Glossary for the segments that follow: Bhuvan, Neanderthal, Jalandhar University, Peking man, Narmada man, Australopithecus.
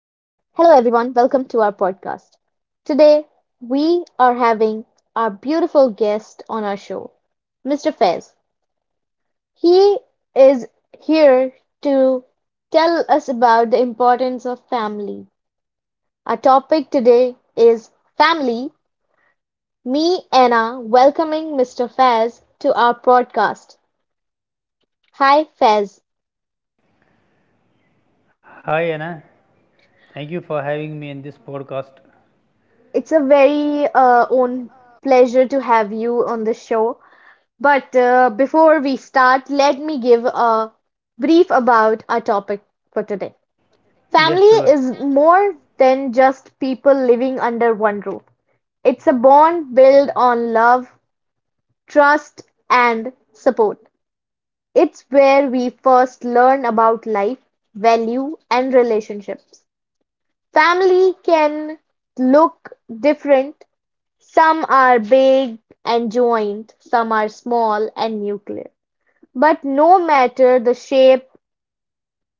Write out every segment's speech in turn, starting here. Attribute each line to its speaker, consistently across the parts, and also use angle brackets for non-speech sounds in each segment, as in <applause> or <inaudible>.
Speaker 1: Hello, everyone. Welcome to our podcast. Today, we are having our beautiful guest on our show, Mr. Fez. He is here to tell us about the importance of family. Our topic today is family. Me, Anna, welcoming Mr. Fez to our podcast. Hi, Fez.
Speaker 2: Hi Anna, thank you for having me in this podcast.
Speaker 1: It's a very own pleasure to have you on the show. But before we start, let me give a brief about our topic for today.
Speaker 2: Yes,
Speaker 1: Family
Speaker 2: sure.
Speaker 1: is more than just people living under one roof. It's a bond built on love, trust, and support. It's where we first learn about life, value, and relationships. Family can look different. Some are big and joined, some are small and nuclear. But no matter the shape,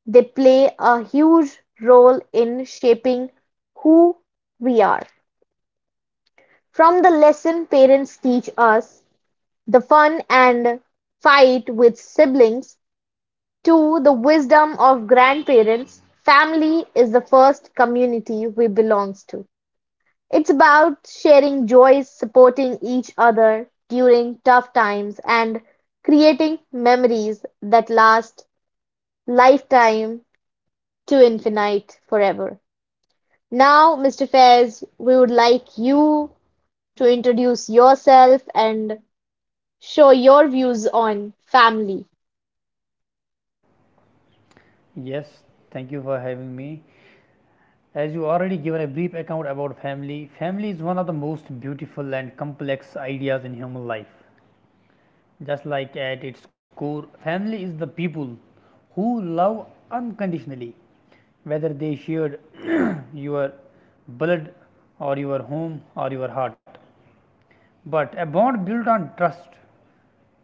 Speaker 1: they play a huge role in shaping who we are. From the lesson parents teach us, the fun and fight with siblings, to the wisdom of grandparents, family is the first community we belong to. It's about sharing joys, supporting each other during tough times, and creating memories that last lifetime to infinite forever. Now, Mr. Fairs, we would like you to introduce yourself and show your views on family.
Speaker 2: Yes, thank you for having me. As you already given a brief account about family, family is one of the most beautiful and complex ideas in human life. Just like at its core, family is the people who love unconditionally, whether they shared <clears throat> your blood or your home or your heart. But a bond built on trust,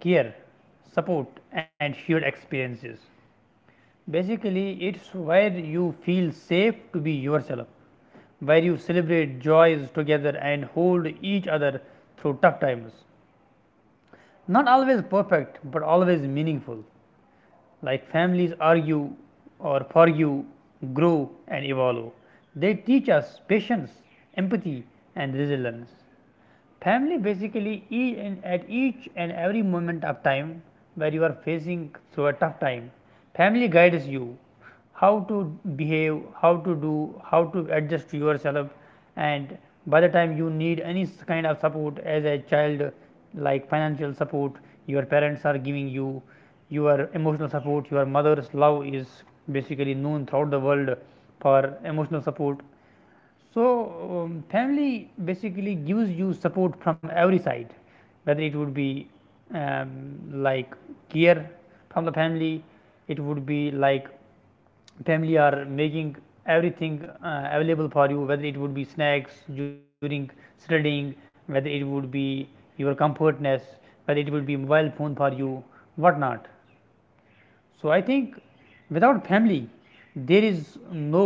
Speaker 2: care, support, and shared experiences. Basically, it's where you feel safe to be yourself, where you celebrate joys together and hold each other through tough times, not always perfect but always meaningful. Like families argue or forgive, grow, and evolve. They teach us patience, empathy, and resilience. Family basically is at each and every moment of time where you are facing through a tough time. Family guides you, how to behave, how to do, how to adjust yourself, and by the time you need any kind of support as a child, like financial support your parents are giving you, your emotional support, your mother's love is basically known throughout the world for emotional support. So, family basically gives you support from every side, whether it would be um, like care from the family, it would be like family are making everything available for you, whether it would be snacks during studying, whether it would be your comfortness, whether it would be mobile phone for you, what not. So I think without family, there is no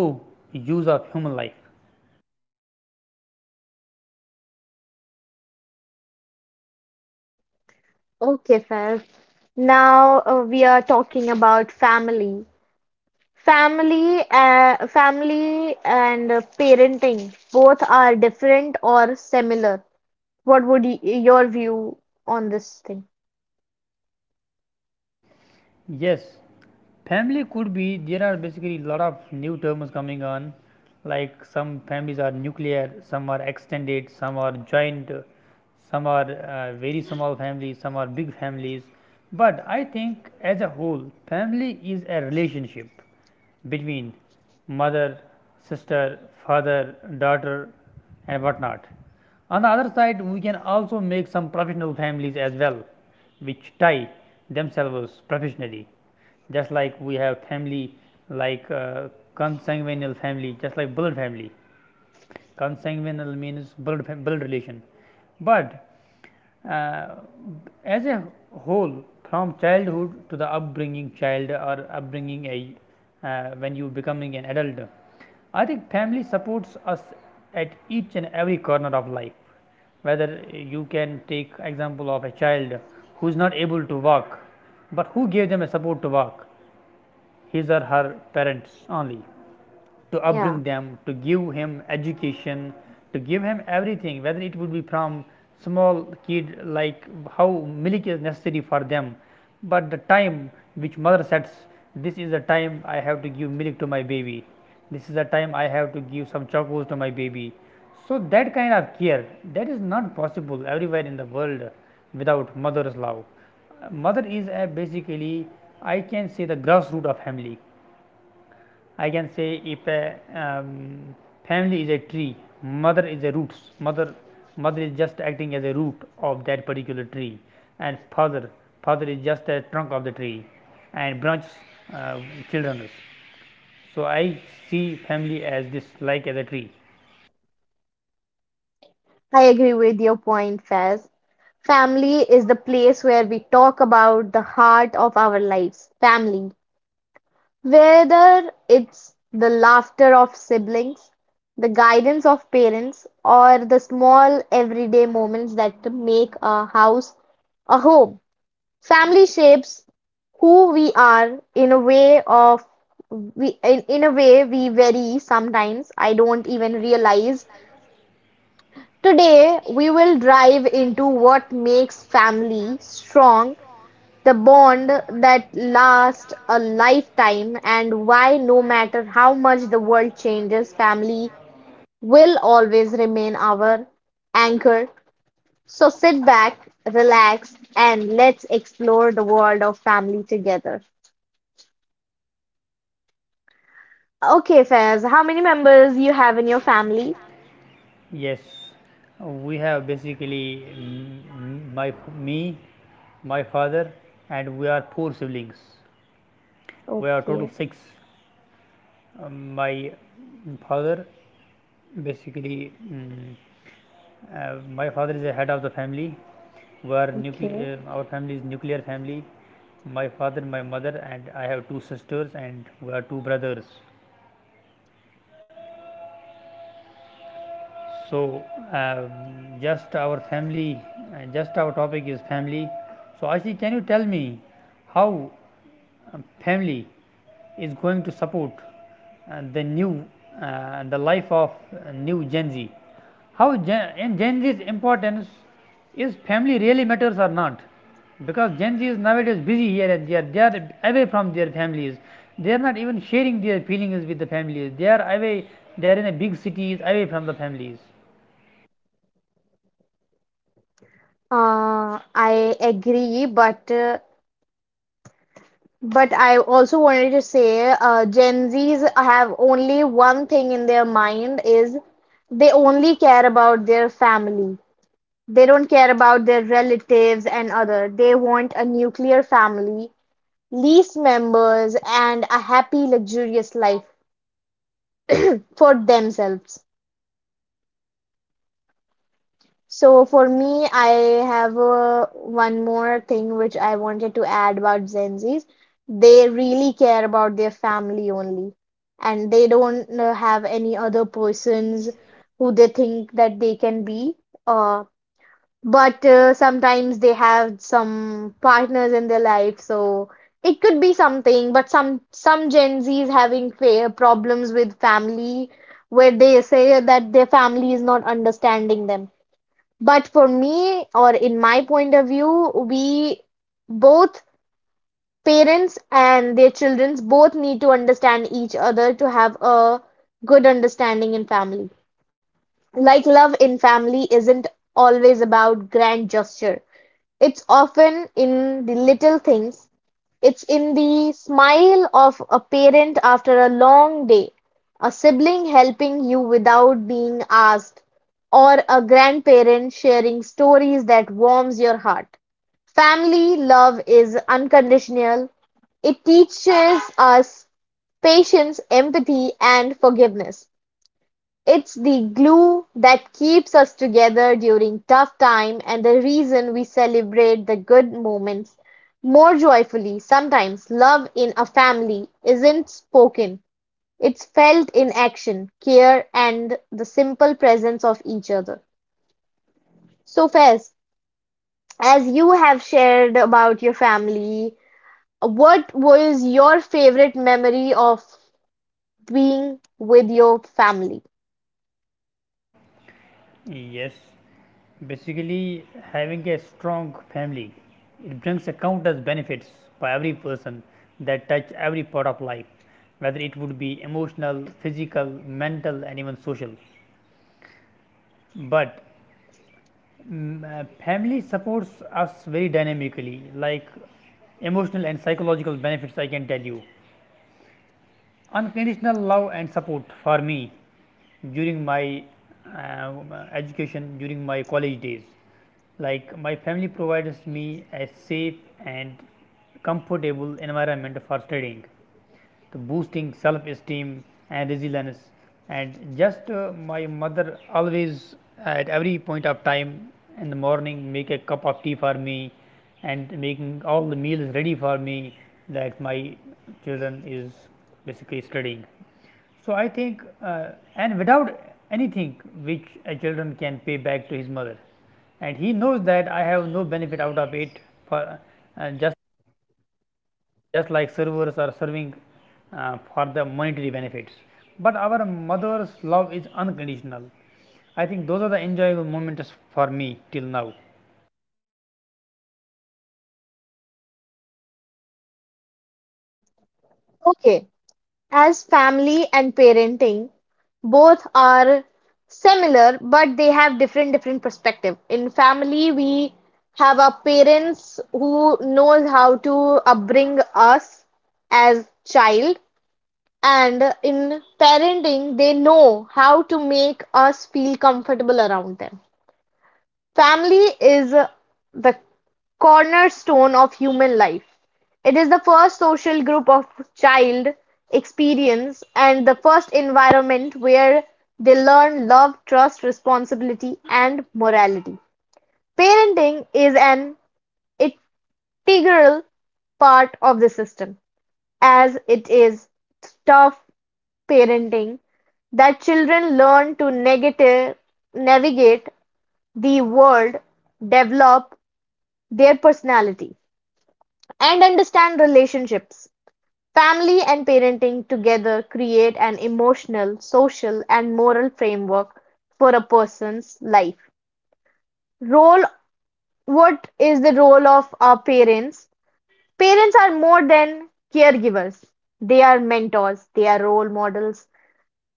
Speaker 2: use of human life.
Speaker 1: Okay, Fairs. Now we are talking about family. Family and parenting both are different or similar. What would your view on this thing?
Speaker 2: Yes, family could be. There are basically a lot of new terms coming on, like some families are nuclear, some are extended, some are joint, some are very small families, some are big families. But I think, as a whole, family is a relationship between mother, sister, father, daughter, and whatnot. On the other side, we can also make some professional families as well, which tie themselves professionally. Just like we have family like consanguineal family, just like blood family. Consanguineal means blood, blood relation. But uh, as a whole, from childhood to the upbringing child or upbringing a when you becoming an adult, I think family supports us at each and every corner of life, whether you can take example of a child who is not able to walk, but who gave them a support to walk? His or her parents only, to
Speaker 1: Yeah.
Speaker 2: upbring them, to give him education, to give him everything, whether it would be from small kid, like how milk is necessary for them, but the time which mother sets, this is the time I have to give milk to my baby, this is the time I have to give some chocos to my baby. So that kind of care, that is not possible everywhere in the world without mother's love. Mother is a basically, I can say, the grassroots of family. I can say if a family is a tree, mother is a roots. Mother is just acting as a root of that particular tree, and father is just a trunk of the tree, and branch, uh, children. So I see family as this, like as a tree.
Speaker 1: I agree with your point, Faz. Family is the place where we talk about the heart of our lives. Family. Whether it's the laughter of siblings, the guidance of parents, or the small everyday moments that make a house a home. Family shapes who we are in a way of we in a way we vary sometimes. I don't even realize. Today we will dive into what makes family strong, the bond that lasts a lifetime, and why no matter how much the world changes, family will always remain our anchor. So sit back, relax, and let's explore the world of family together. Okay, Faiz, how many members you have in your family?
Speaker 2: Yes, we have basically me, my father, and we are four siblings. We are total
Speaker 1: Okay,
Speaker 2: six. Um, my father Basically, mm, my father is the head of the family. Where
Speaker 1: okay.
Speaker 2: nuclear, uh, our family is nuclear family. My father, my mother, and I have two sisters, and we are two brothers. So, um, just our family, just our topic is family. So, Ashi, can you tell me how uh, family is going to support uh, the new, the life of new Gen Z? In Gen Z's importance, is family really matters or not? Because Gen Z is nowadays busy here and there. They are away from their families. They are not even sharing their feelings with the families. They are away. They are in a big cities, away from the families.
Speaker 1: I agree, but I also wanted to say, Gen Zs have only one thing in their mind is they only care about their family. They don't care about their relatives and other. They want a nuclear family, least members, and a happy, luxurious life for themselves. So for me, I have one more thing which I wanted to add about Gen Zs. They really care about their family only, and they don't have any other persons who they think that they can be. Uh, but sometimes they have some partners in their life, so it could be something. But some Gen Zs having fa problems with family, where they say that their family is not understanding them, but for me, or in my point of view, we both, parents and their children, both need to understand each other to have a good understanding in family. Like love in family isn't always about grand gesture. It's often in the little things, it's in the smile of a parent after a long day, a sibling helping you without being asked, or a grandparent sharing stories that warms your heart. Family love is unconditional. It teaches us patience, empathy, and forgiveness. It's the glue that keeps us together during tough time and the reason we celebrate the good moments more joyfully. Sometimes love in a family isn't spoken. It's felt in action, care, and the simple presence of each other. So, Fez, as you have shared about your family, what was your favorite memory of being with your family?
Speaker 2: Yes, basically having a strong family, it brings a countless benefits for every person that touch every part of life, whether it would be emotional, physical, mental, and even social. But family supports us very dynamically, like emotional and psychological benefits. I can tell you, unconditional love and support for me during my uh, education, during my college days. Like my family provides me a safe and comfortable environment for studying, the boosting self esteem and resilience. And just my mother always, at every point of time in the morning, make a cup of tea for me and making all the meals ready for me, that my children is basically studying. So I think and without anything which a children can pay back to his mother, and he knows that I have no benefit out of it, for just like servers are serving for the monetary benefits. But our mother's love is unconditional. I think those are the enjoyable moments for me till now.
Speaker 1: Okay, as family and parenting, both are similar, but they have different perspective. In family, we have our parents who knows how to upbring us as child, and in parenting, they know how to make us feel comfortable around them. Family is the cornerstone of human life; it is the first social group of child experience and the first environment where they learn love, trust, responsibility, and morality. Parenting is an integral part of the system, as it is tough parenting that children learn to negative, navigate the world, develop their personality, and understand relationships. Family and parenting together create an emotional, social, and moral framework for a person's life. Role. What is the role of our parents? Parents are more than caregivers, they are mentors, they are role models,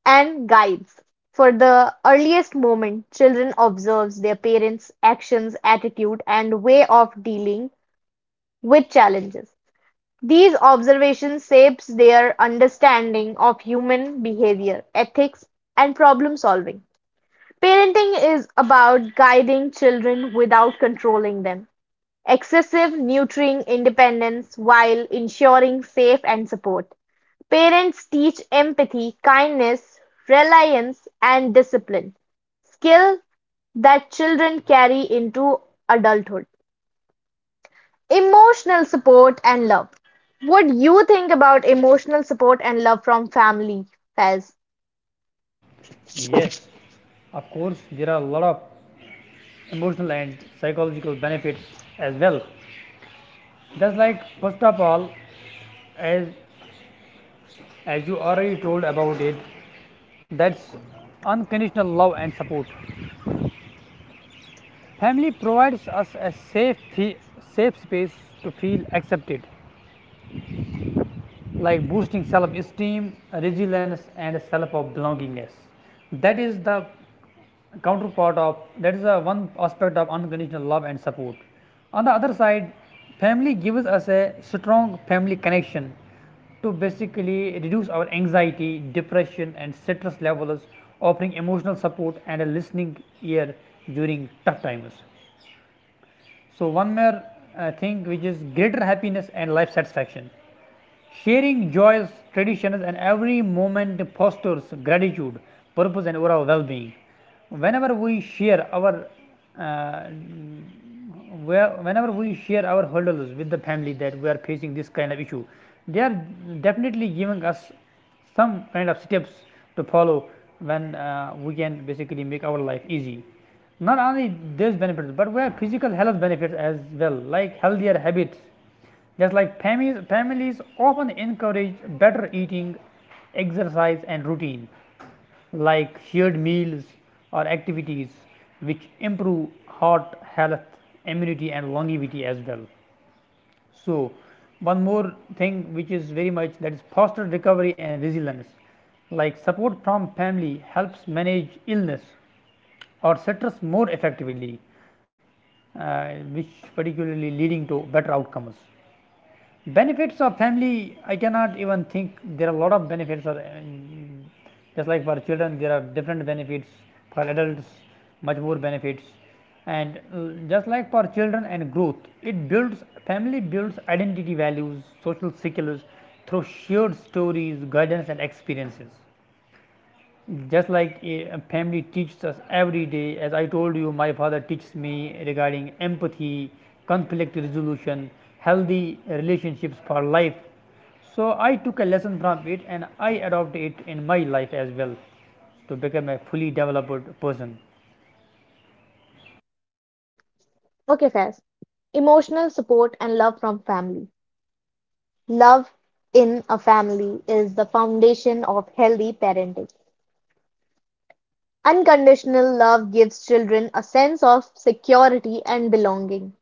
Speaker 1: and guides. For the earliest moment, children observe their parents' actions, attitude, and way of dealing with challenges. These observations shapes their understanding of human behavior, ethics, and problem solving. Parenting is about guiding children without controlling them. Excessive nurturing independence while ensuring safe and support. Parents teach empathy, kindness, reliance, and discipline, skill that children carry into adulthood. Emotional support and love. What do you think about emotional support and love from family, Faz?
Speaker 2: Yes, of course, there are a lot of emotional and psychological benefits as well. Just like, first of all, as, as you already told about it, that's unconditional love and support. Family provides us a safe space to feel accepted, like boosting self-esteem, resilience, and self-belongingness. That is the counterpart of one aspect of unconditional love and support. On the other side, family gives us a strong family connection to basically reduce our anxiety, depression, and stress levels, offering emotional support and a listening ear during tough times. So, one more thing which is greater happiness and life satisfaction. Sharing joys, traditions, and every moment fosters gratitude, purpose, and overall well being. Whenever we share our uh, whenever we share our hurdles with the family, that we are facing this kind of issue, they are definitely giving us some kind of steps to follow when we can basically make our life easy. Not only these benefits, but we have physical health benefits as well, like healthier habits, just like families often encourage better eating, exercise, and routine, like shared meals or activities, which improve heart health, immunity, and longevity as well. So, one more thing which is very much, that is foster recovery and resilience, like support from family helps manage illness or stress more effectively, uh, which particularly leading to better outcomes. Benefits of family, I cannot even think there are a lot of benefits, or just like for children there are different benefits, for adults much more benefits. And just like for children and growth, it builds family builds identity, values, social skills through shared stories, guidance, and experiences. Just like a family teaches us every day. As I told you, my father teaches me regarding empathy, conflict resolution, healthy relationships for life. So I took a lesson from it, and I adopted it in my life as well, to become a fully developed person.
Speaker 1: Okay, Faz. Emotional support and love from family. Love in a family is the foundation of healthy parenting. Unconditional love gives children a sense of security and belonging.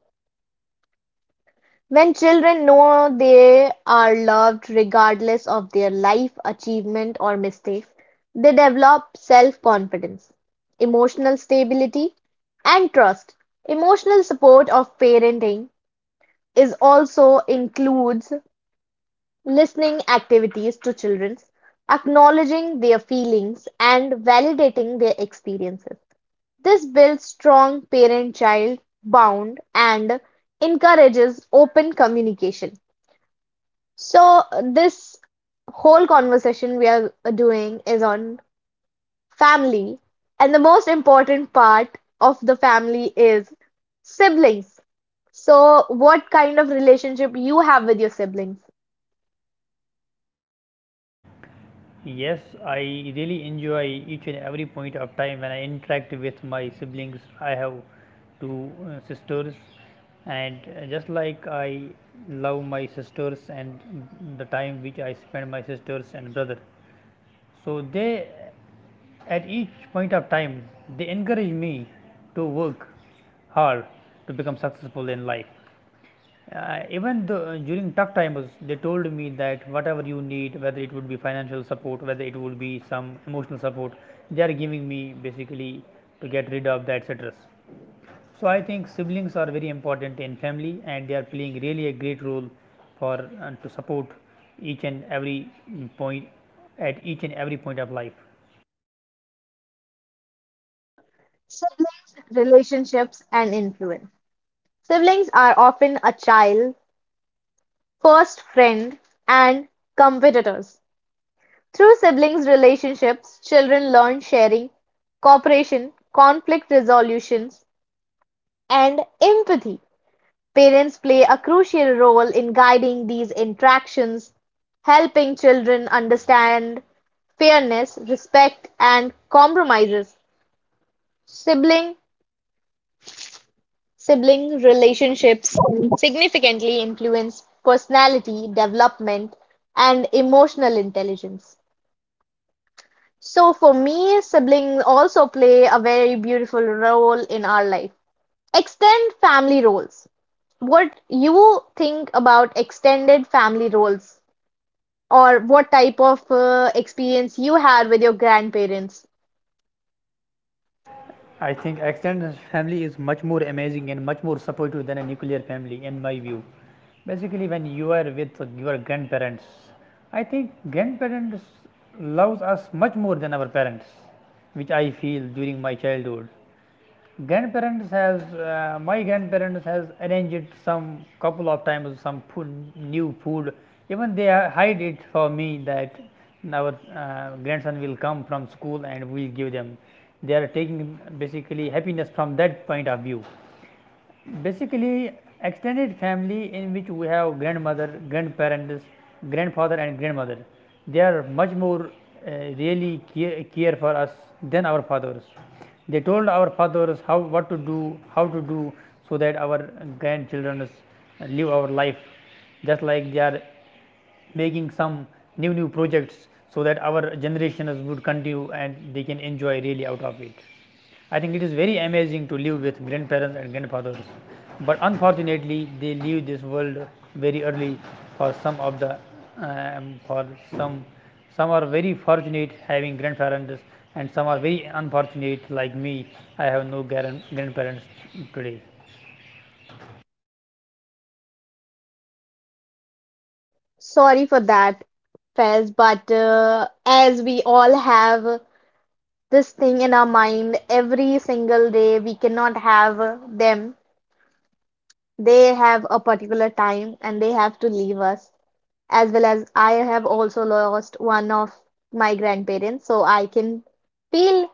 Speaker 1: When children know they are loved regardless of their life achievement or mistakes, they develop self-confidence, emotional stability, and trust. Emotional support of parenting is also includes listening activities to children, acknowledging their feelings and validating their experiences. This builds strong parent-child bond and encourages open communication. So this whole conversation we are doing is on family, and the most important part of the family is siblings. So what kind of relationship you have with your siblings?
Speaker 2: Yes, I really enjoy each and every point of time when I interact with my siblings. I have two sisters, and just like, I love my sisters and the time which I spend my sisters and brother. So they, at each point of time, they encourage me to work hard to become successful in life. Even though during tough times, they told me that whatever you need, whether it would be financial support, whether it would be some emotional support, they are giving me basically to get rid of that stress. So, I think siblings are very important in family and they are playing really a great role for and to support each and every mm, point each and every point of life.
Speaker 1: Siblings, relationships, and influence. Siblings are often a child, first friend, and competitors. Through siblings' relationships, children learn sharing, cooperation, conflict resolutions. And empathy: parents play a crucial role in guiding these interactions, helping children understand fairness, respect, and compromises. Sibling sibling relationships significantly influence personality development and emotional intelligence. So for me, siblings also play a very beautiful role in our life. Extend family roles. What you think about extended family roles or what type of experience you had with your grandparents?
Speaker 2: I think extended family is much more amazing and much more supportive than a nuclear family in my view. Basically, when you are with your grandparents, I think grandparents loves us much more than our parents, which I feel during my childhood. Grandparents has my grandparents has arranged some couple of times some food, new food. Even they hide it for me, that our grandson will come from school, and we'll give them. They are taking basically happiness from that point of view. Basically, extended family, in which we have grandmother grandparents grandfather and grandmother, they are much more uh, really care for us than our fathers. They told our fathers how, what to do, how to do, so that our grandchildren live our life, just like they are making some new projects. So, that our generations would continue and they can enjoy really out of it. I think it is very amazing to live with grandparents and grandfathers, but unfortunately they leave this world very early for some of the for some some are very fortunate having grandparents, and some are very unfortunate like me. I have no grandparents today.
Speaker 1: Sorry for that, Fez, but as we all have this thing in our mind every single day, we cannot have them. They have a particular time and they have to leave us. As well as I have also lost one of my grandparents, so I can feel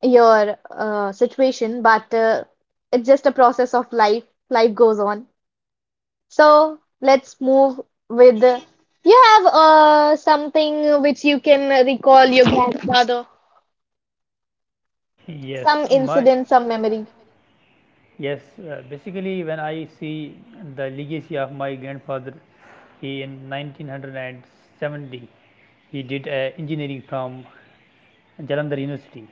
Speaker 1: your situation, but it's just a process of life. Life goes on. So let's move with. You have something which you can recall your grandfather,
Speaker 2: Yes.
Speaker 1: some
Speaker 2: my
Speaker 1: incident, some memory.
Speaker 2: Yes, Basically, when I see the legacy of my grandfather, he in 1970, he did engineering from Jalandhar University.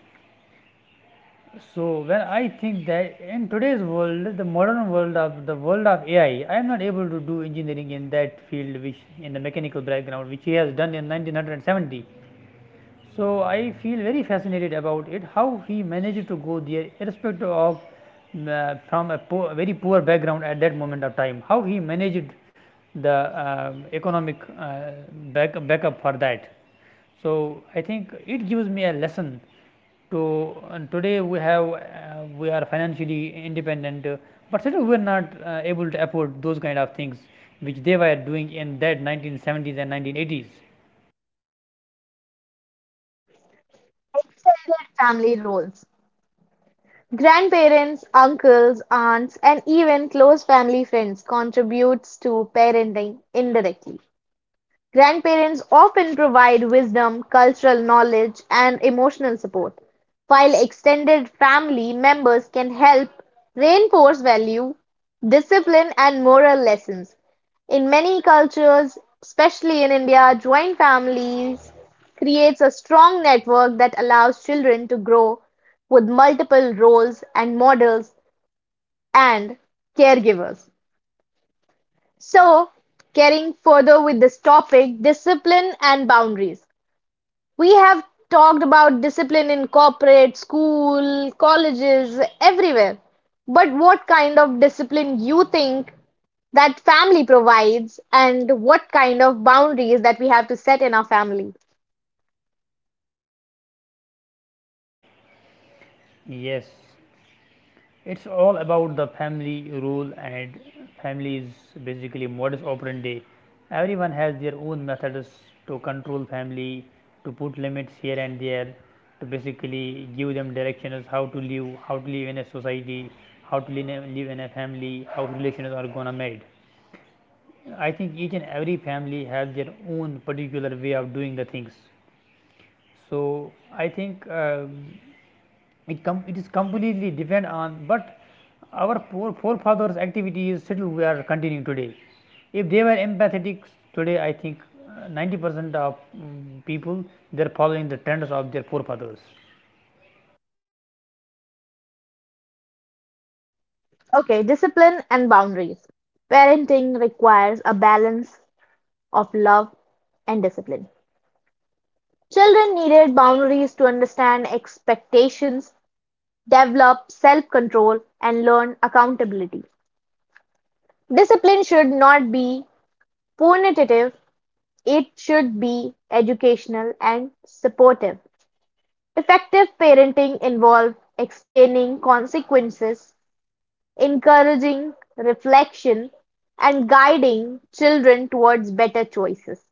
Speaker 2: So when I think that in today's world, the modern world of the world of AI, I am not able to do engineering in that field which, in the mechanical background, which he has done in 1970. So I feel very fascinated about it, how he managed to go there irrespective of, from a poor, very poor background at that moment of time, how he managed the economic backup for that. So I think it gives me a lesson to, and today we have we are financially independent, but still we are not able to afford those kind of things which they were doing in that 1970s and 1980s.
Speaker 1: Extended family roles. Grandparents, uncles, aunts, and even close family friends contributes to parenting indirectly. Grandparents often provide wisdom, cultural knowledge, and emotional support, while extended family members can help reinforce value, discipline, and moral lessons. In many cultures, especially in India, joint families creates a strong network that allows children to grow with multiple roles and models and caregivers. So, carrying further with this topic, discipline and boundaries. We have talked about discipline in corporate, school, colleges, everywhere. But what kind of discipline you think that family provides and what kind of boundaries that we have to set in our family?
Speaker 2: Yes. It's all about the family rule, and family is basically modus operandi. Everyone has their own methods to control family, to put limits here and there, to basically give them direction as how to live in a society, how to live in a family, how relations are gonna made. I think each and every family has their own particular way of doing the things. So, I think it is completely depend on, but our poor forefathers activities still we are continuing today. If they were empathetic, today I think 90% of people, they are following the trends of their forefathers.
Speaker 1: Okay, discipline and boundaries. Parenting requires a balance of love and discipline. Children needed boundaries to understand expectations, develop self control, and learn accountability. Discipline should not be punitive, it should be educational and supportive. Effective parenting involves explaining consequences, encouraging reflection, and guiding children towards better choices.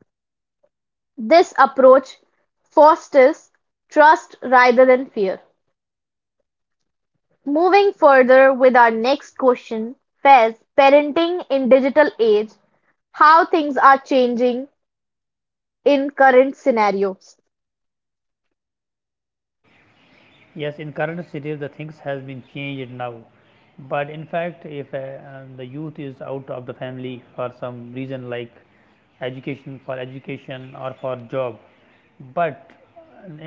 Speaker 1: This approach fosters trust rather than fear. Moving further with our next question, Fez, parenting in digital age, how things are changing in current scenarios.
Speaker 2: Yes, in current cities the things has been changed now, but in fact if the youth is out of the family for some reason like education or for job, but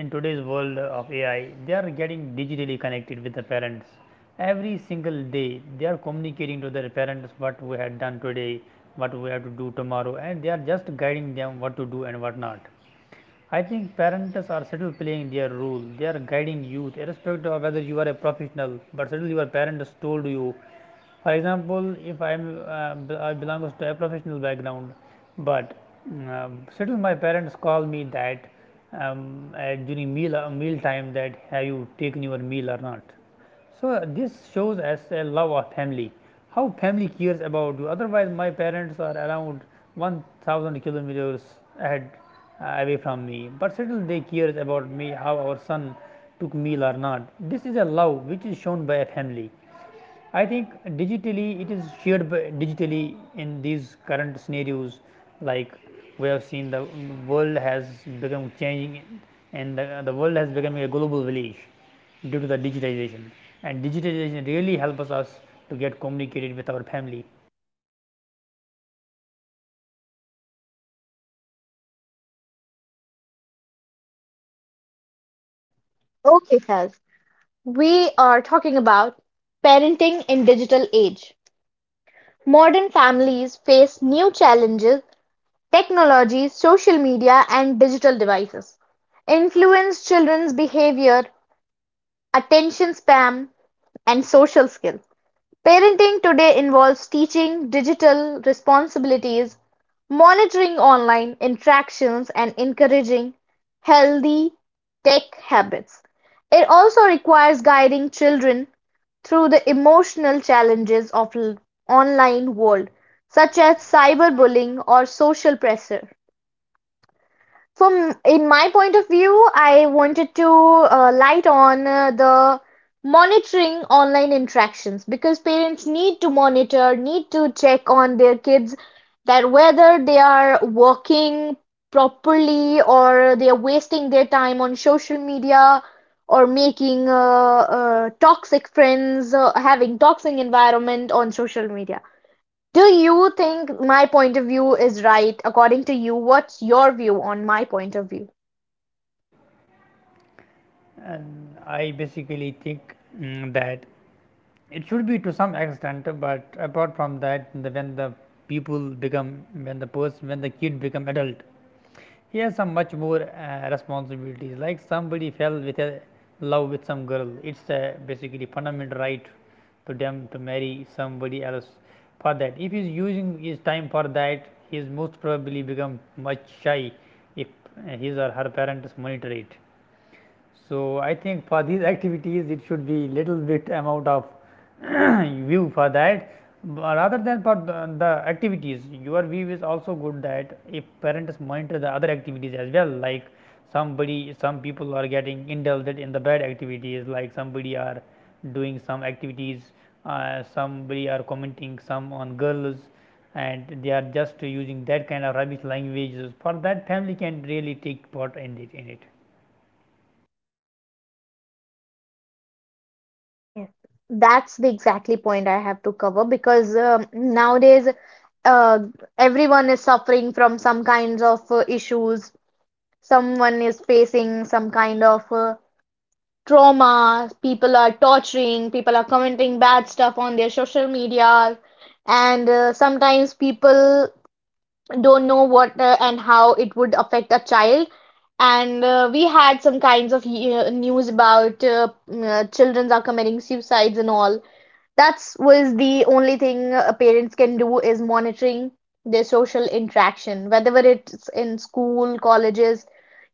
Speaker 2: in today's world of AI they are getting digitally connected with the parents. Every single day they are communicating to their parents what we had done today, what we have to do tomorrow, and they are just guiding them what to do and what not. I think parents are still playing their role. They are guiding youth, irrespective of whether you are a professional. But still, your parents told you. For example, if I'm I belongs to a professional background, but still my parents call me that, um, during meal time, that have you taken your meal or not. So this shows us a love of family, how family cares about you. Otherwise, my parents are around 1,000 kilometers ahead, away from me, but still they cares about me, how our son took meal or not. This is a love which is shown by a family. I think digitally it is shared by digitally in these current scenarios, like we have seen the world has become changing, and the world has become a global village due to the digitization, and digitization really helps us to get communicated with our family.
Speaker 1: Okay, Fez. We are talking about parenting in digital age. Modern families face new challenges, technology, social media, and digital devices influence children's behavior, attention span, and social skills. Parenting today involves teaching digital responsibilities, monitoring online interactions, and encouraging healthy tech habits. It also requires guiding children through the emotional challenges of online world, such as cyberbullying or social pressure. From in my point of view, I wanted to light on the monitoring online interactions because parents need to monitor, need to check on their kids that whether they are working properly or they are wasting their time on social media or making toxic friends, having toxic environment on social media. Do you think my point of view is right according to you? What's your view on my point of view?
Speaker 2: And I basically think that it should be to some extent, but apart from that, when the people become, when the person, when the kid become adult, he has some much more responsibilities. Like somebody fell with a love with some girl, it's basically fundamental right to them to marry somebody else. For that, if he's using his time for that, he's most probably become much shy if his or her parents monitor it. So, I think for these activities it should be little bit amount of <clears throat> <coughs> view for that, rather than for the activities. Your view is also good that if parents monitor the other activities as well, like somebody, some people are getting indulged in the bad activities, like somebody are doing some activities, somebody are commenting some on girls, and they are just using that kind of rubbish languages. For that, family can really take part in it.
Speaker 1: Yes, that's the exactly point I have to cover because nowadays uh, everyone is suffering from some kinds of issues. Someone is facing some kind of trauma. People are torturing. People are commenting bad stuff on their social media, and sometimes people don't know what and how it would affect a child. And we had some kinds of news about children are committing suicides and all. That's was the only thing parents can do is monitoring their social interaction, whether it's in school, colleges.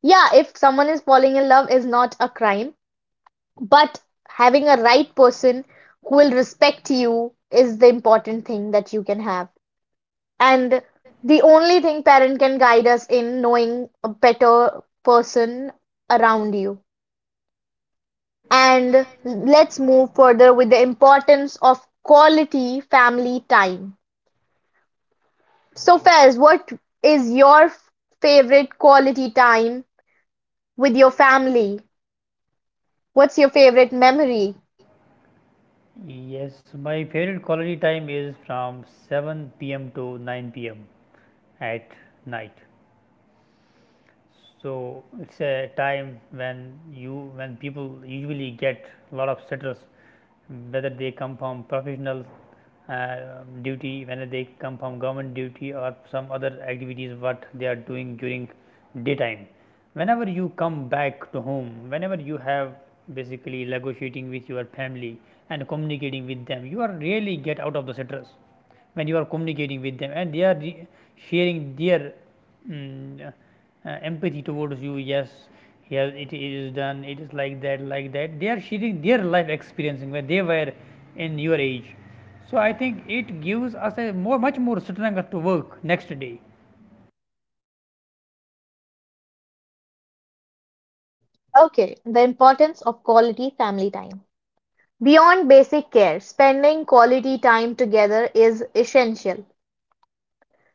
Speaker 1: Yeah, if someone is falling in love is not a crime, but having a right person who will respect you is the important thing that you can have. And the only thing parent can guide us in knowing a better person around you. And let's move further with the importance of quality family time. So, Fez, what is your favorite quality time with your family? What's your favorite memory?
Speaker 2: Yes, my favorite quality time is from 7 pm to 9 pm at night. So it's a time when you when people usually get a lot of stress, whether they come from professional uh, duty, whether they come from government duty, or some other activities what they are doing during daytime. Whenever you come back to home, whenever you have basically negotiating with your family and communicating with them, you are really get out of the stress when you are communicating with them, and they are sharing their mm, uh, empathy towards you. Yes, here it is done. It is like that, like that. They are sharing their life experiencing where they were in your age. So I think it gives us a more much more strength to work next day.
Speaker 1: Okay, the importance of quality family time. Beyond basic care, spending quality time together is essential.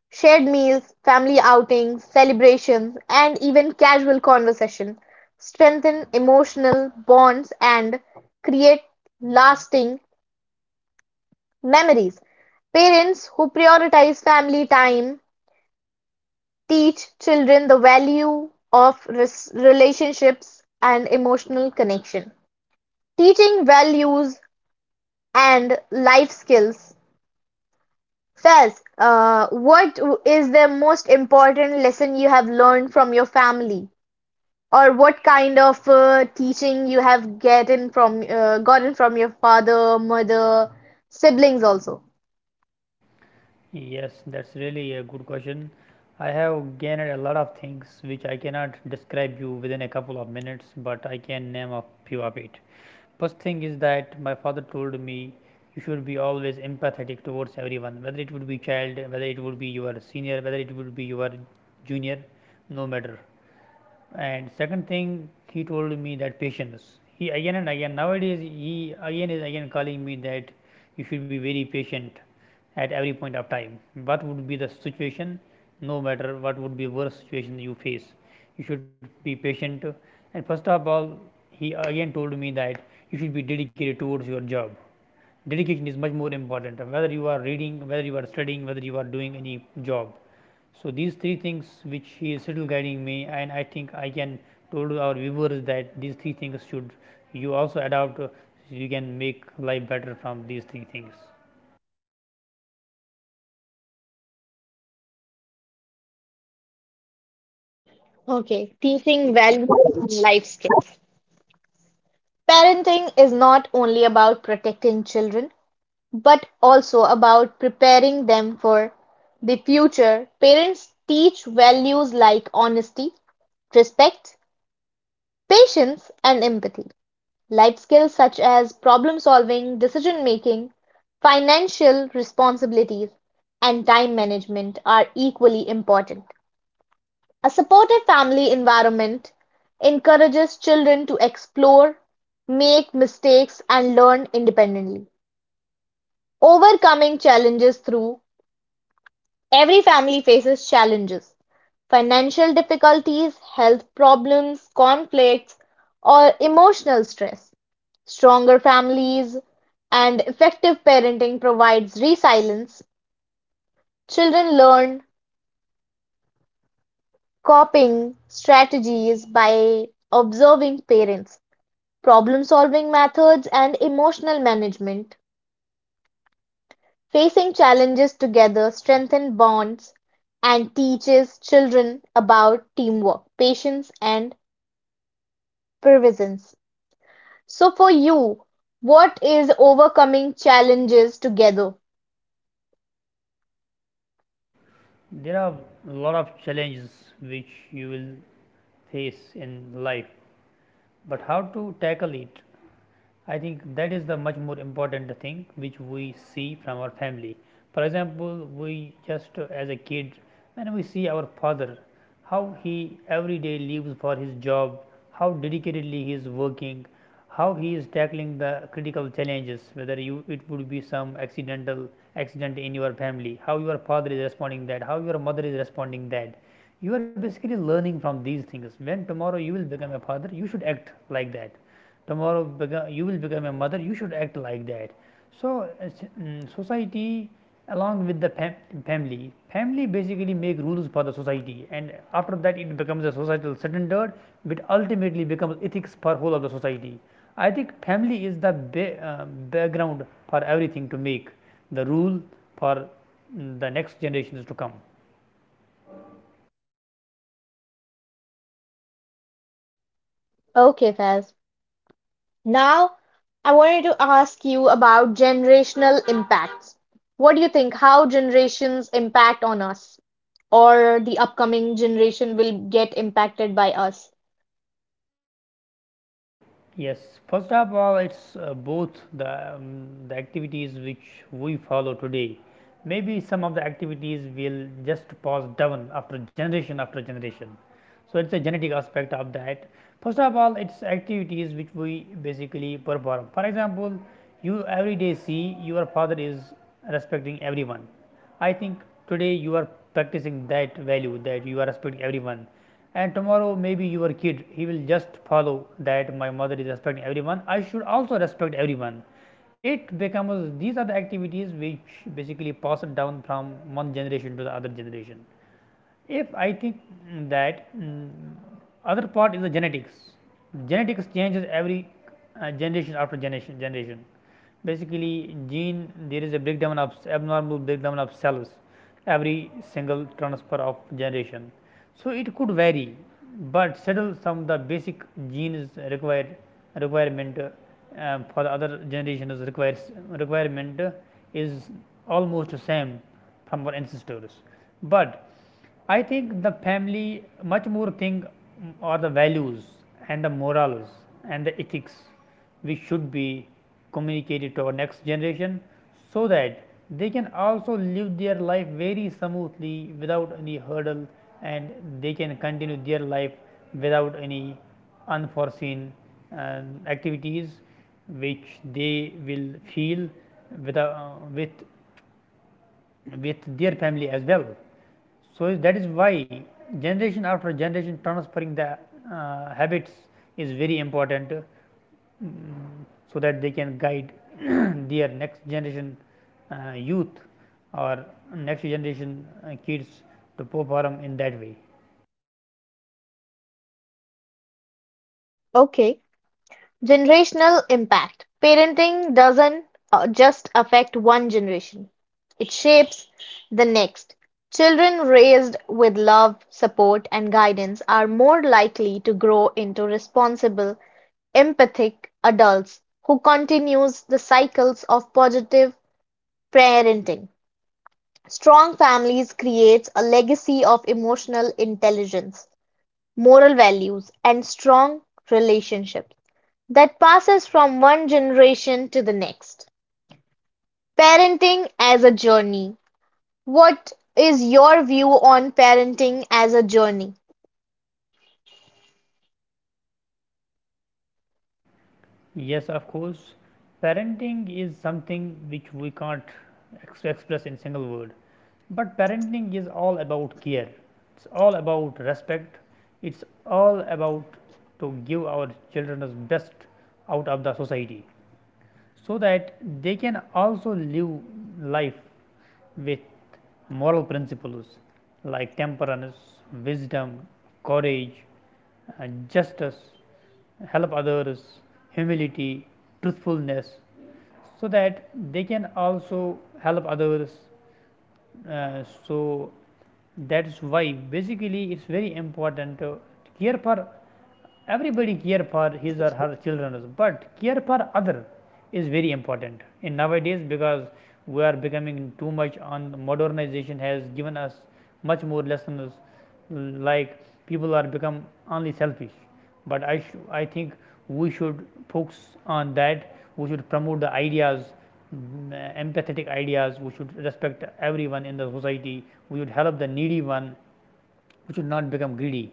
Speaker 1: Shared meals, family outings, celebrations, and even casual conversation strengthen emotional bonds and create lasting memories. Parents who prioritize family time teach children the value of relationships and emotional connection. Teaching values and life skills. Says, what is the most important lesson you have learned from your family? Or what kind of teaching you have gotten from your father, mother, siblings also.
Speaker 2: Yes, that's really a good question. I have gained a lot of things which I cannot describe you within a couple of minutes, but I can name a few of it. First thing is that my father told me you should be always empathetic towards everyone, whether it would be child, whether it would be your senior, whether it would be your junior, no matter. And second thing he told me, that patience. He again and again nowadays, he again is again calling me that you should be very patient at every point of time. What would be the situation? No matter what would be worst situation you face, you should be patient. And first of all, he again told me that you should be dedicated towards your job. Dedication is much more important, whether you are reading, whether you are studying, whether you are doing any job. So these three things which he is still guiding me, and I think I can told our viewers that these three things should you also adopt. You can make life better from these three things.
Speaker 1: Okay, teaching values and life skills. Parenting is not only about protecting children, but also about preparing them for the future. Parents teach values like honesty, respect, patience, and empathy. Life skills such as problem-solving, decision-making, financial responsibilities, and time management are equally important. A supportive family environment encourages children to explore, make mistakes, and learn independently. Overcoming challenges through every family faces challenges financial difficulties, health problems, conflicts, or emotional stress. Stronger families and effective parenting provides resilience. Children learn coping strategies by observing parents, problem-solving methods, and emotional management. Facing challenges together strengthens bonds and teaches children about teamwork, patience, and perseverance. So for you, what is overcoming challenges together?
Speaker 2: There are a lot of challenges which you will face in life, but how to tackle it, I think that is the much more important thing which we see from our family. For example, we just as a kid, when we see our father, how he every day lives for his job, how dedicatedly he is working, how he is tackling the critical challenges, whether you it would be some accident in your family, how your father is responding that, how your mother is responding that. You are basically learning from these things. When tomorrow you will become a father, you should act like that. Tomorrow you will become a mother, you should act like that. So society along with the family, family basically make rules for the society, and after that it becomes a societal standard which ultimately becomes ethics for whole of the society. I think family is the background for everything to make the rule for the next generations to come.
Speaker 1: Okay, Faz. Now, I wanted to ask you about generational impacts. What do you think how generations impact on us, or the upcoming generation will get impacted by us?
Speaker 2: Yes, first of all, it's both the activities which we follow today. Maybe some of the activities will just pass down after generation after generation. So it's a genetic aspect of that. First of all, it's activities which we basically perform. For example, you every day see your father is respecting everyone. I think today you are practicing that value, that you are respecting everyone, and tomorrow maybe your kid, he will just follow that my mother is respecting everyone, I should also respect everyone. It becomes, these are the activities which basically pass it down from one generation to the other generation. If I think, mm, that mm, other part is the genetics. Genetics changes every generation after generation. Basically, gene there is a breakdown of abnormal breakdown of cells every single transfer of generation. So it could vary, but settle some the basic genes required requirement for the other generations requires requirement is almost the same from our ancestors. But I think the family much more thing, or the values, and the morals, and the ethics which should be communicated to our next generation, so that they can also live their life very smoothly without any hurdle, and they can continue their life without any unforeseen uh, activities which they will feel with, uh, with, with their family as well. So, that is why generation after generation transferring the habits is very important, so that they can guide <clears throat> <coughs> their next generation youth or next generation kids to perform in that way.
Speaker 1: Okay, generational impact. Parenting doesn't just affect one generation, it shapes the next. Children raised with love, support, and guidance are more likely to grow into responsible, empathic adults who continues the cycles of positive parenting. Strong families creates a legacy of emotional intelligence, moral values, and strong relationships that passes from one generation to the next. Parenting as a journey. What is your view on parenting as a journey?
Speaker 2: Yes, of course. Parenting is something which we can't express in single word. But parenting is all about care. It's all about respect. It's all about to give our children the best out of the society, so that they can also live life with moral principles like temperance, wisdom, courage, justice, help others, humility, truthfulness, so that they can also help others. So that's why basically it's very important to care for everybody, care for his or her children, but care for other is very important in nowadays because we are becoming too much on modernization has given us much more lessons like people are become only selfish, but I think we should focus on that. We should promote the ideas, empathetic ideas. We should respect everyone in the society. We should help the needy one. We should not become greedy.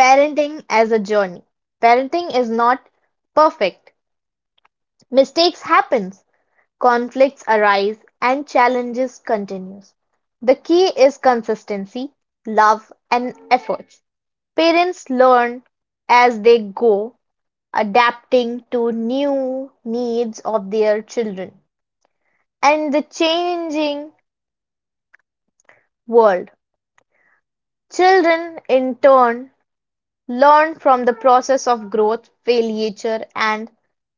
Speaker 1: Parenting as a journey. Parenting is not perfect. Mistakes happens. Conflicts arise and challenges continue. The key is consistency, love and effort. Parents learn as they go, adapting to new needs of their children and the changing world. Children in turn learn from the process of growth, failure and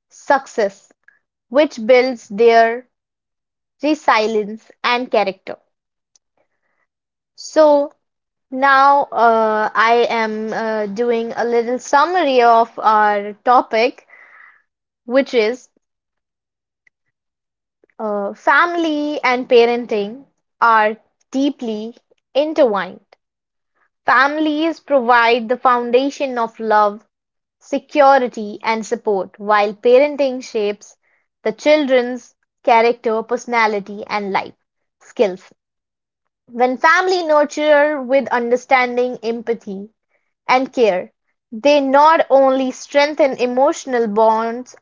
Speaker 1: success which builds their resilience and character. So, now I am doing a little summary of our topic, which is family and parenting are deeply intertwined. Families provide the foundation of love, security, and support, while parenting shapes the children's character, personality, and life skills. When family nurture with understanding, empathy, and care, they not only strengthen emotional bonds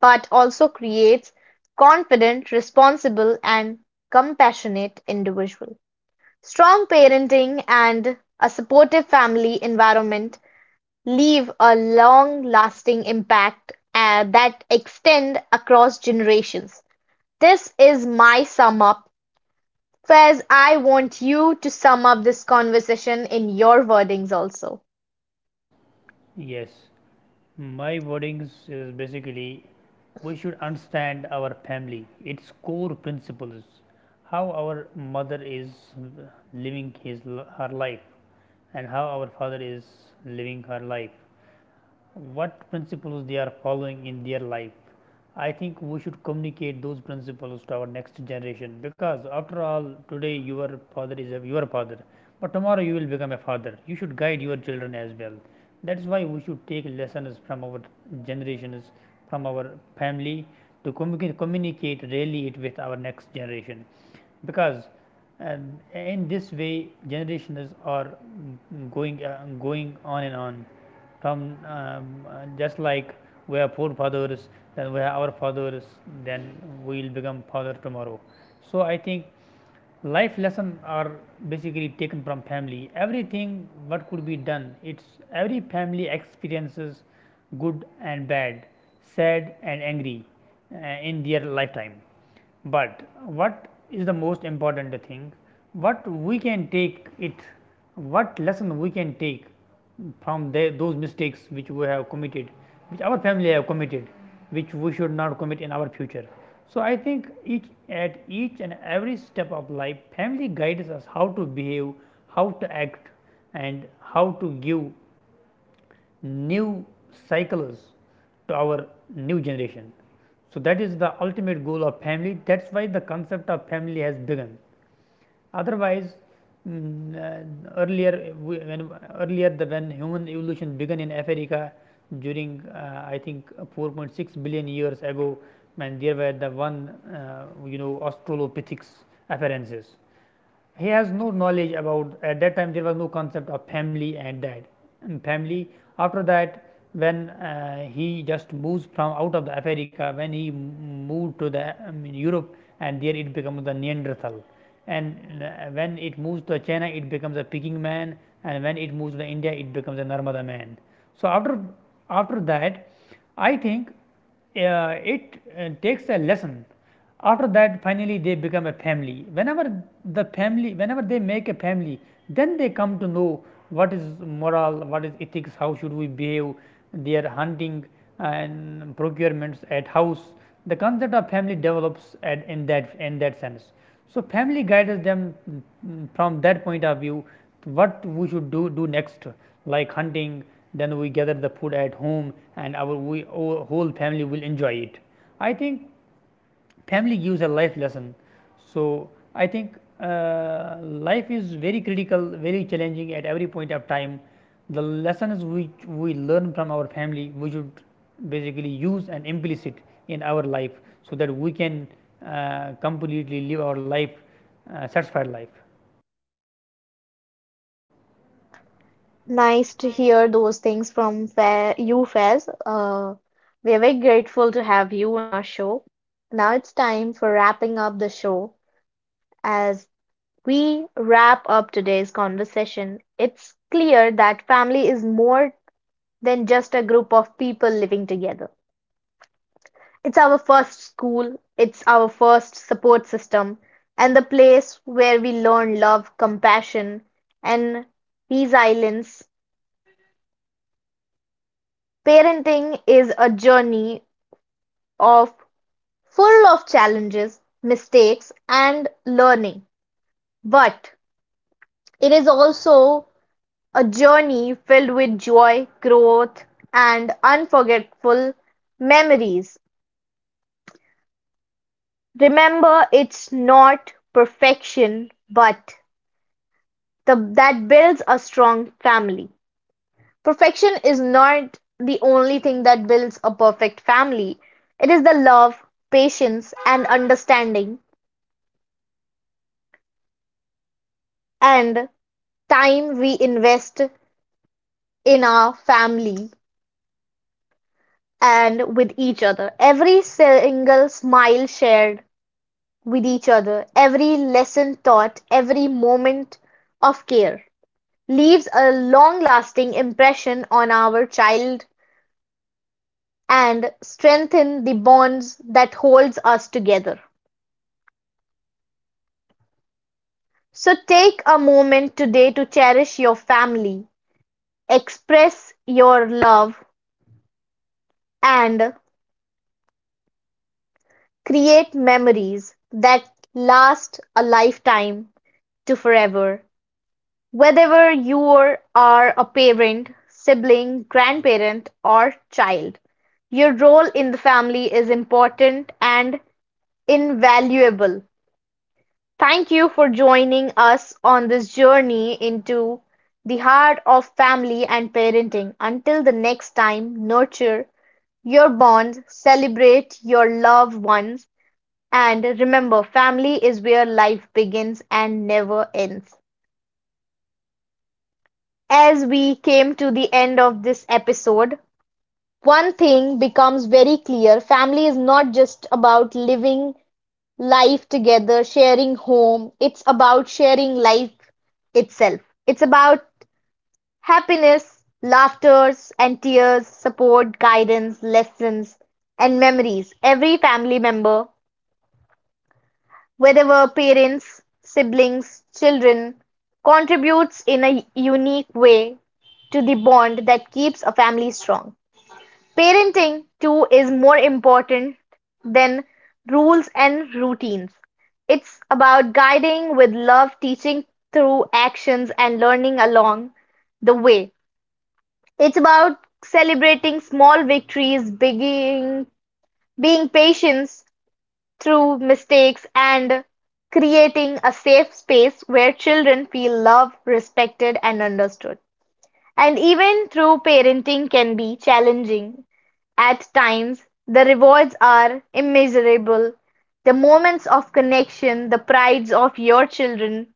Speaker 1: but also create confident, responsible, and compassionate individuals. Strong parenting and a supportive family environment leave a long-lasting impact that extend across generations. This is my sum up. Faiz, I want you to sum up this conversation in your wordings also.
Speaker 2: Yes, my wordings is basically we should understand our family, its core principles, how our mother is living his her life, and how our father is living her life, what principles they are following in their life. I think we should communicate those principles to our next generation, because after all today your your father, but tomorrow you will become a father. You should guide your children as well. That's why we should take lessons from our generations, from our family, to communicate really it with our next generation, because uh, in this way generations are going on and on from just like we are forefathers, then we are our fathers, then we will become father tomorrow. So I think life lesson are basically taken from family. Everything what could be done, it's every family experiences good and bad, sad and angry, uh, in their lifetime. But what is the most important thing? What we can take it, what lesson we can take from those mistakes which we have committed, which our family have committed, which we should not commit in our future. So I think each at each and every step of life, family guides us how to behave, how to act, and how to give new cycles to our new generation. So that is the ultimate goal of family. That's why the concept of family has begun. Otherwise, earlier when earlier the when human evolution began in Africa during I think 4.6 billion years ago, and there were the one, you know, Australopithecus appearances. He has no knowledge about at that time there was no concept of family and dad and family. After that, when he just moves from out of the Africa, when he moved to the, I mean, Europe, and there it becomes the Neanderthal, and uh, when it moves to China it becomes a Peking man, and when it moves to India it becomes a Narmada man. So after that, I think it takes a lesson. After that finally they become a family. Whenever whenever they make a family, then they come to know what is moral, what is ethics, how should we behave, their hunting, and procurements at house. The concept of family develops in that sense. So family guides them, from that point of view what we should do next, like hunting, then we gather the food at home and our we our whole family will enjoy it. I think family gives a life lesson. So, I think life is very critical, very challenging at every point of time. The lessons which we learn from our family, we should basically use and implicit in our life, so that we can completely live our life, satisfied life.
Speaker 1: Nice to hear those things from Fa you, Faiz. We are very grateful to have you on our show. Now it's time for wrapping up the show. As we wrap up today's conversation, it's clear that family is more than just a group of people living together. It's our first school, it's our first support system, and the place where we learn love, compassion, and these islands. Parenting is a journey of full of challenges, mistakes and learning, but it is also a journey filled with joy, growth and unforgettable memories. Remember, it's not perfection, but the, that builds a strong family. Perfection is not the only thing that builds a perfect family. It is the love, patience, and understanding, and time we invest in our family and with each other. Every single smile shared with each other, every lesson taught, every moment of care leaves a long lasting impression on our child and strengthen the bonds that holds us together. So take a moment today to cherish your family, express your love and create memories that last a lifetime to forever, whether you are a parent, sibling, grandparent, or child. Your role in the family is important and invaluable. Thank you for joining us on this journey into the heart of family and parenting. Until the next time, nurture your bonds, celebrate your loved ones, and remember family is where life begins and never ends. As we came to the end of this episode, one thing becomes very clear family is not just about living life together, sharing home, it's about sharing life itself. It's about happiness, laughters, and tears, support, guidance, lessons, and memories every family member wherever parents, siblings, children contributes in a unique way to the bond that keeps a family strong. Parenting too is more important than rules and routines. It's about guiding with love, teaching through actions and learning along the way. It's about celebrating small victories, being patient through mistakes and creating a safe space where children feel loved, respected, and understood. And even though parenting can be challenging at times, the rewards are immeasurable. The moments of connection, the prides of your children,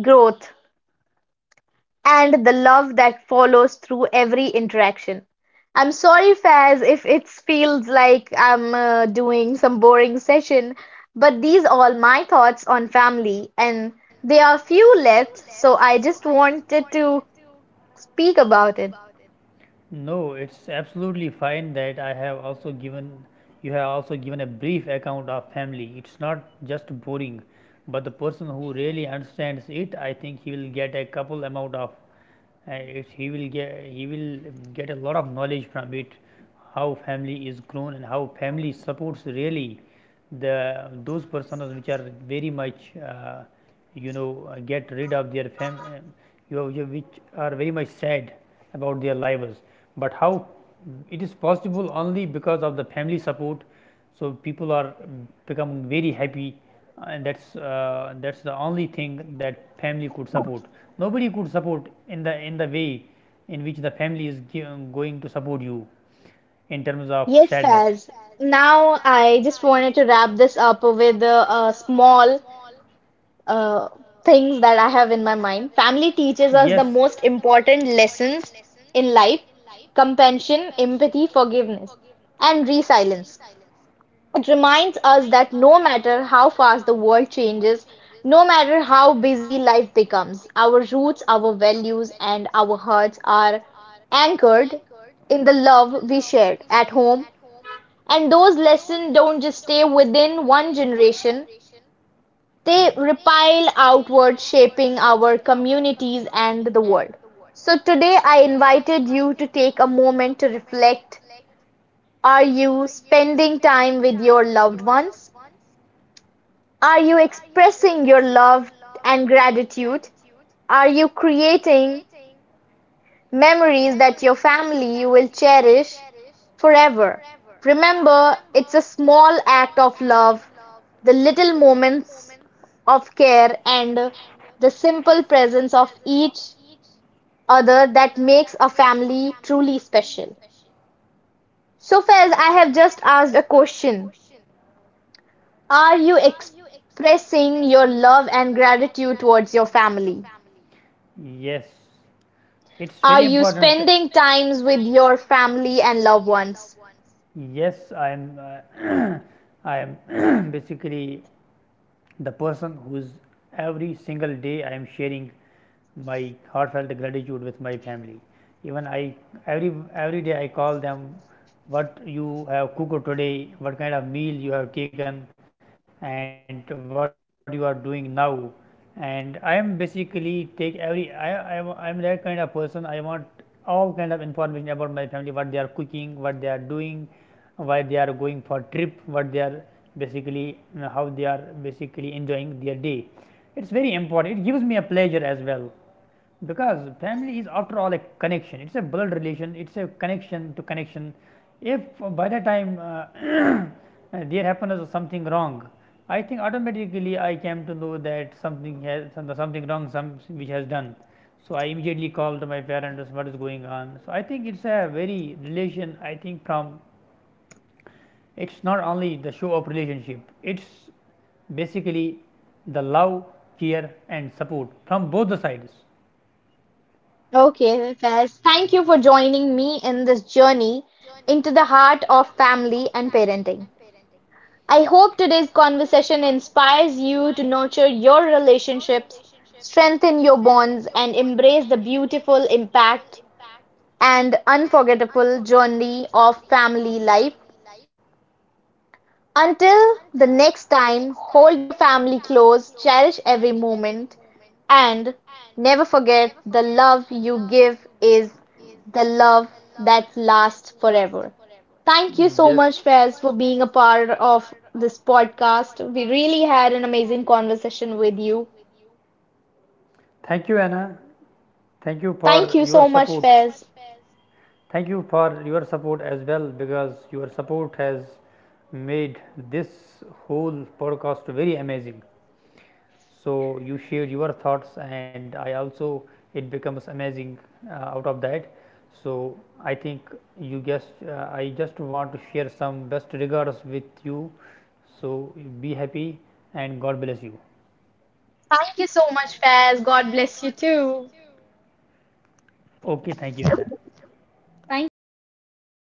Speaker 1: growth, and the love that follows through every interaction. I'm sorry, Faz, if it feels like I'm doing some boring session, but these are my thoughts on family, and there are few left, so I just wanted to speak about it.
Speaker 2: No, it's absolutely fine that I have also given you have also given a brief account of family. It's not just boring, but the person who really understands it, I think he will get a couple amount of he will get a lot of knowledge from it, how family is grown and how family supports really the those personas which are very much get rid of their which are very much sad about their lives. But how it is possible? Only because of the family support. So people are becoming very happy, and that's the only thing that family could support. Nobody could support in the way in which the family is going to support you in terms of
Speaker 1: Yes,
Speaker 2: sadness.
Speaker 1: Faz. Now I just wanted to wrap this up with a small uh, things that I have in my mind. Family teaches us the most important lessons in life compassion, empathy, forgiveness, and resilience. It reminds us that no matter how fast the world changes, no matter how busy life becomes, our roots, our values, and our hearts are anchored in the love we shared at home. And those lessons don't just stay within one generation, they repel outward, shaping our communities and the world. So today I invited you to take a moment to reflect. Are you spending time with your loved ones? Are you expressing your love and gratitude? Are you creating memories that your family will cherish forever? Remember, it's a small act of love, the little moments of care, and the simple presence of each other that makes a family truly special. So, Fez, I have just asked a question. Are you expressing your love and gratitude towards your family?
Speaker 2: Yes, it's
Speaker 1: Are
Speaker 2: very
Speaker 1: you
Speaker 2: Are
Speaker 1: spending times with your family and loved ones?
Speaker 2: Yes, I am. <clears throat> <coughs> I am <coughs> basically the person who's every single day I am sharing my heartfelt gratitude with my family. Even I, every day I call them, what you have cooked today, what kind of meal you have taken, and what you are doing now. And I am basically take every, I am that kind of person. I want all kind of information about my family, what they are cooking, what they are doing, why they are going for trip, what they are basically, how they are basically enjoying their day. It's very important. It gives me a pleasure as well, because family is after all a connection. It's a blood relation. It's a connection to connection. If, by the time <coughs> there happens something wrong, I think automatically I came to know that something wrong some which has done. So I immediately called to my parents, what is going on. So I think it's a very relation, I think. From, it's not only the show of relationship, it's basically the love, care and support from both the sides.
Speaker 1: Okay, Faiz, thank you for joining me in this journey into the heart of family and parenting. I hope today's conversation inspires you to nurture your relationships, strengthen your bonds, and embrace the beautiful impact and unforgettable journey of family life. Until the next time, hold your family close, cherish every moment, and never forget the love you give is the love that lasts forever. Thank you so
Speaker 2: Yes,
Speaker 1: much, Faiz, for being a part of this podcast. We really had an amazing conversation with you.
Speaker 2: thank you, Anna. Thank you
Speaker 1: Thank
Speaker 2: for
Speaker 1: you
Speaker 2: your
Speaker 1: so much,
Speaker 2: support.
Speaker 1: Faiz.
Speaker 2: Thank you for your support as well, because your support has made this whole podcast very amazing. So, you share your thoughts and I also it becomes amazing out of that. So, I think you just I just want to share some best regards with you. So, be happy and God bless you.
Speaker 1: Thank you so much, Faiz. God bless you too.
Speaker 2: Okay, thank you Anna.
Speaker 1: Thank you for being a part.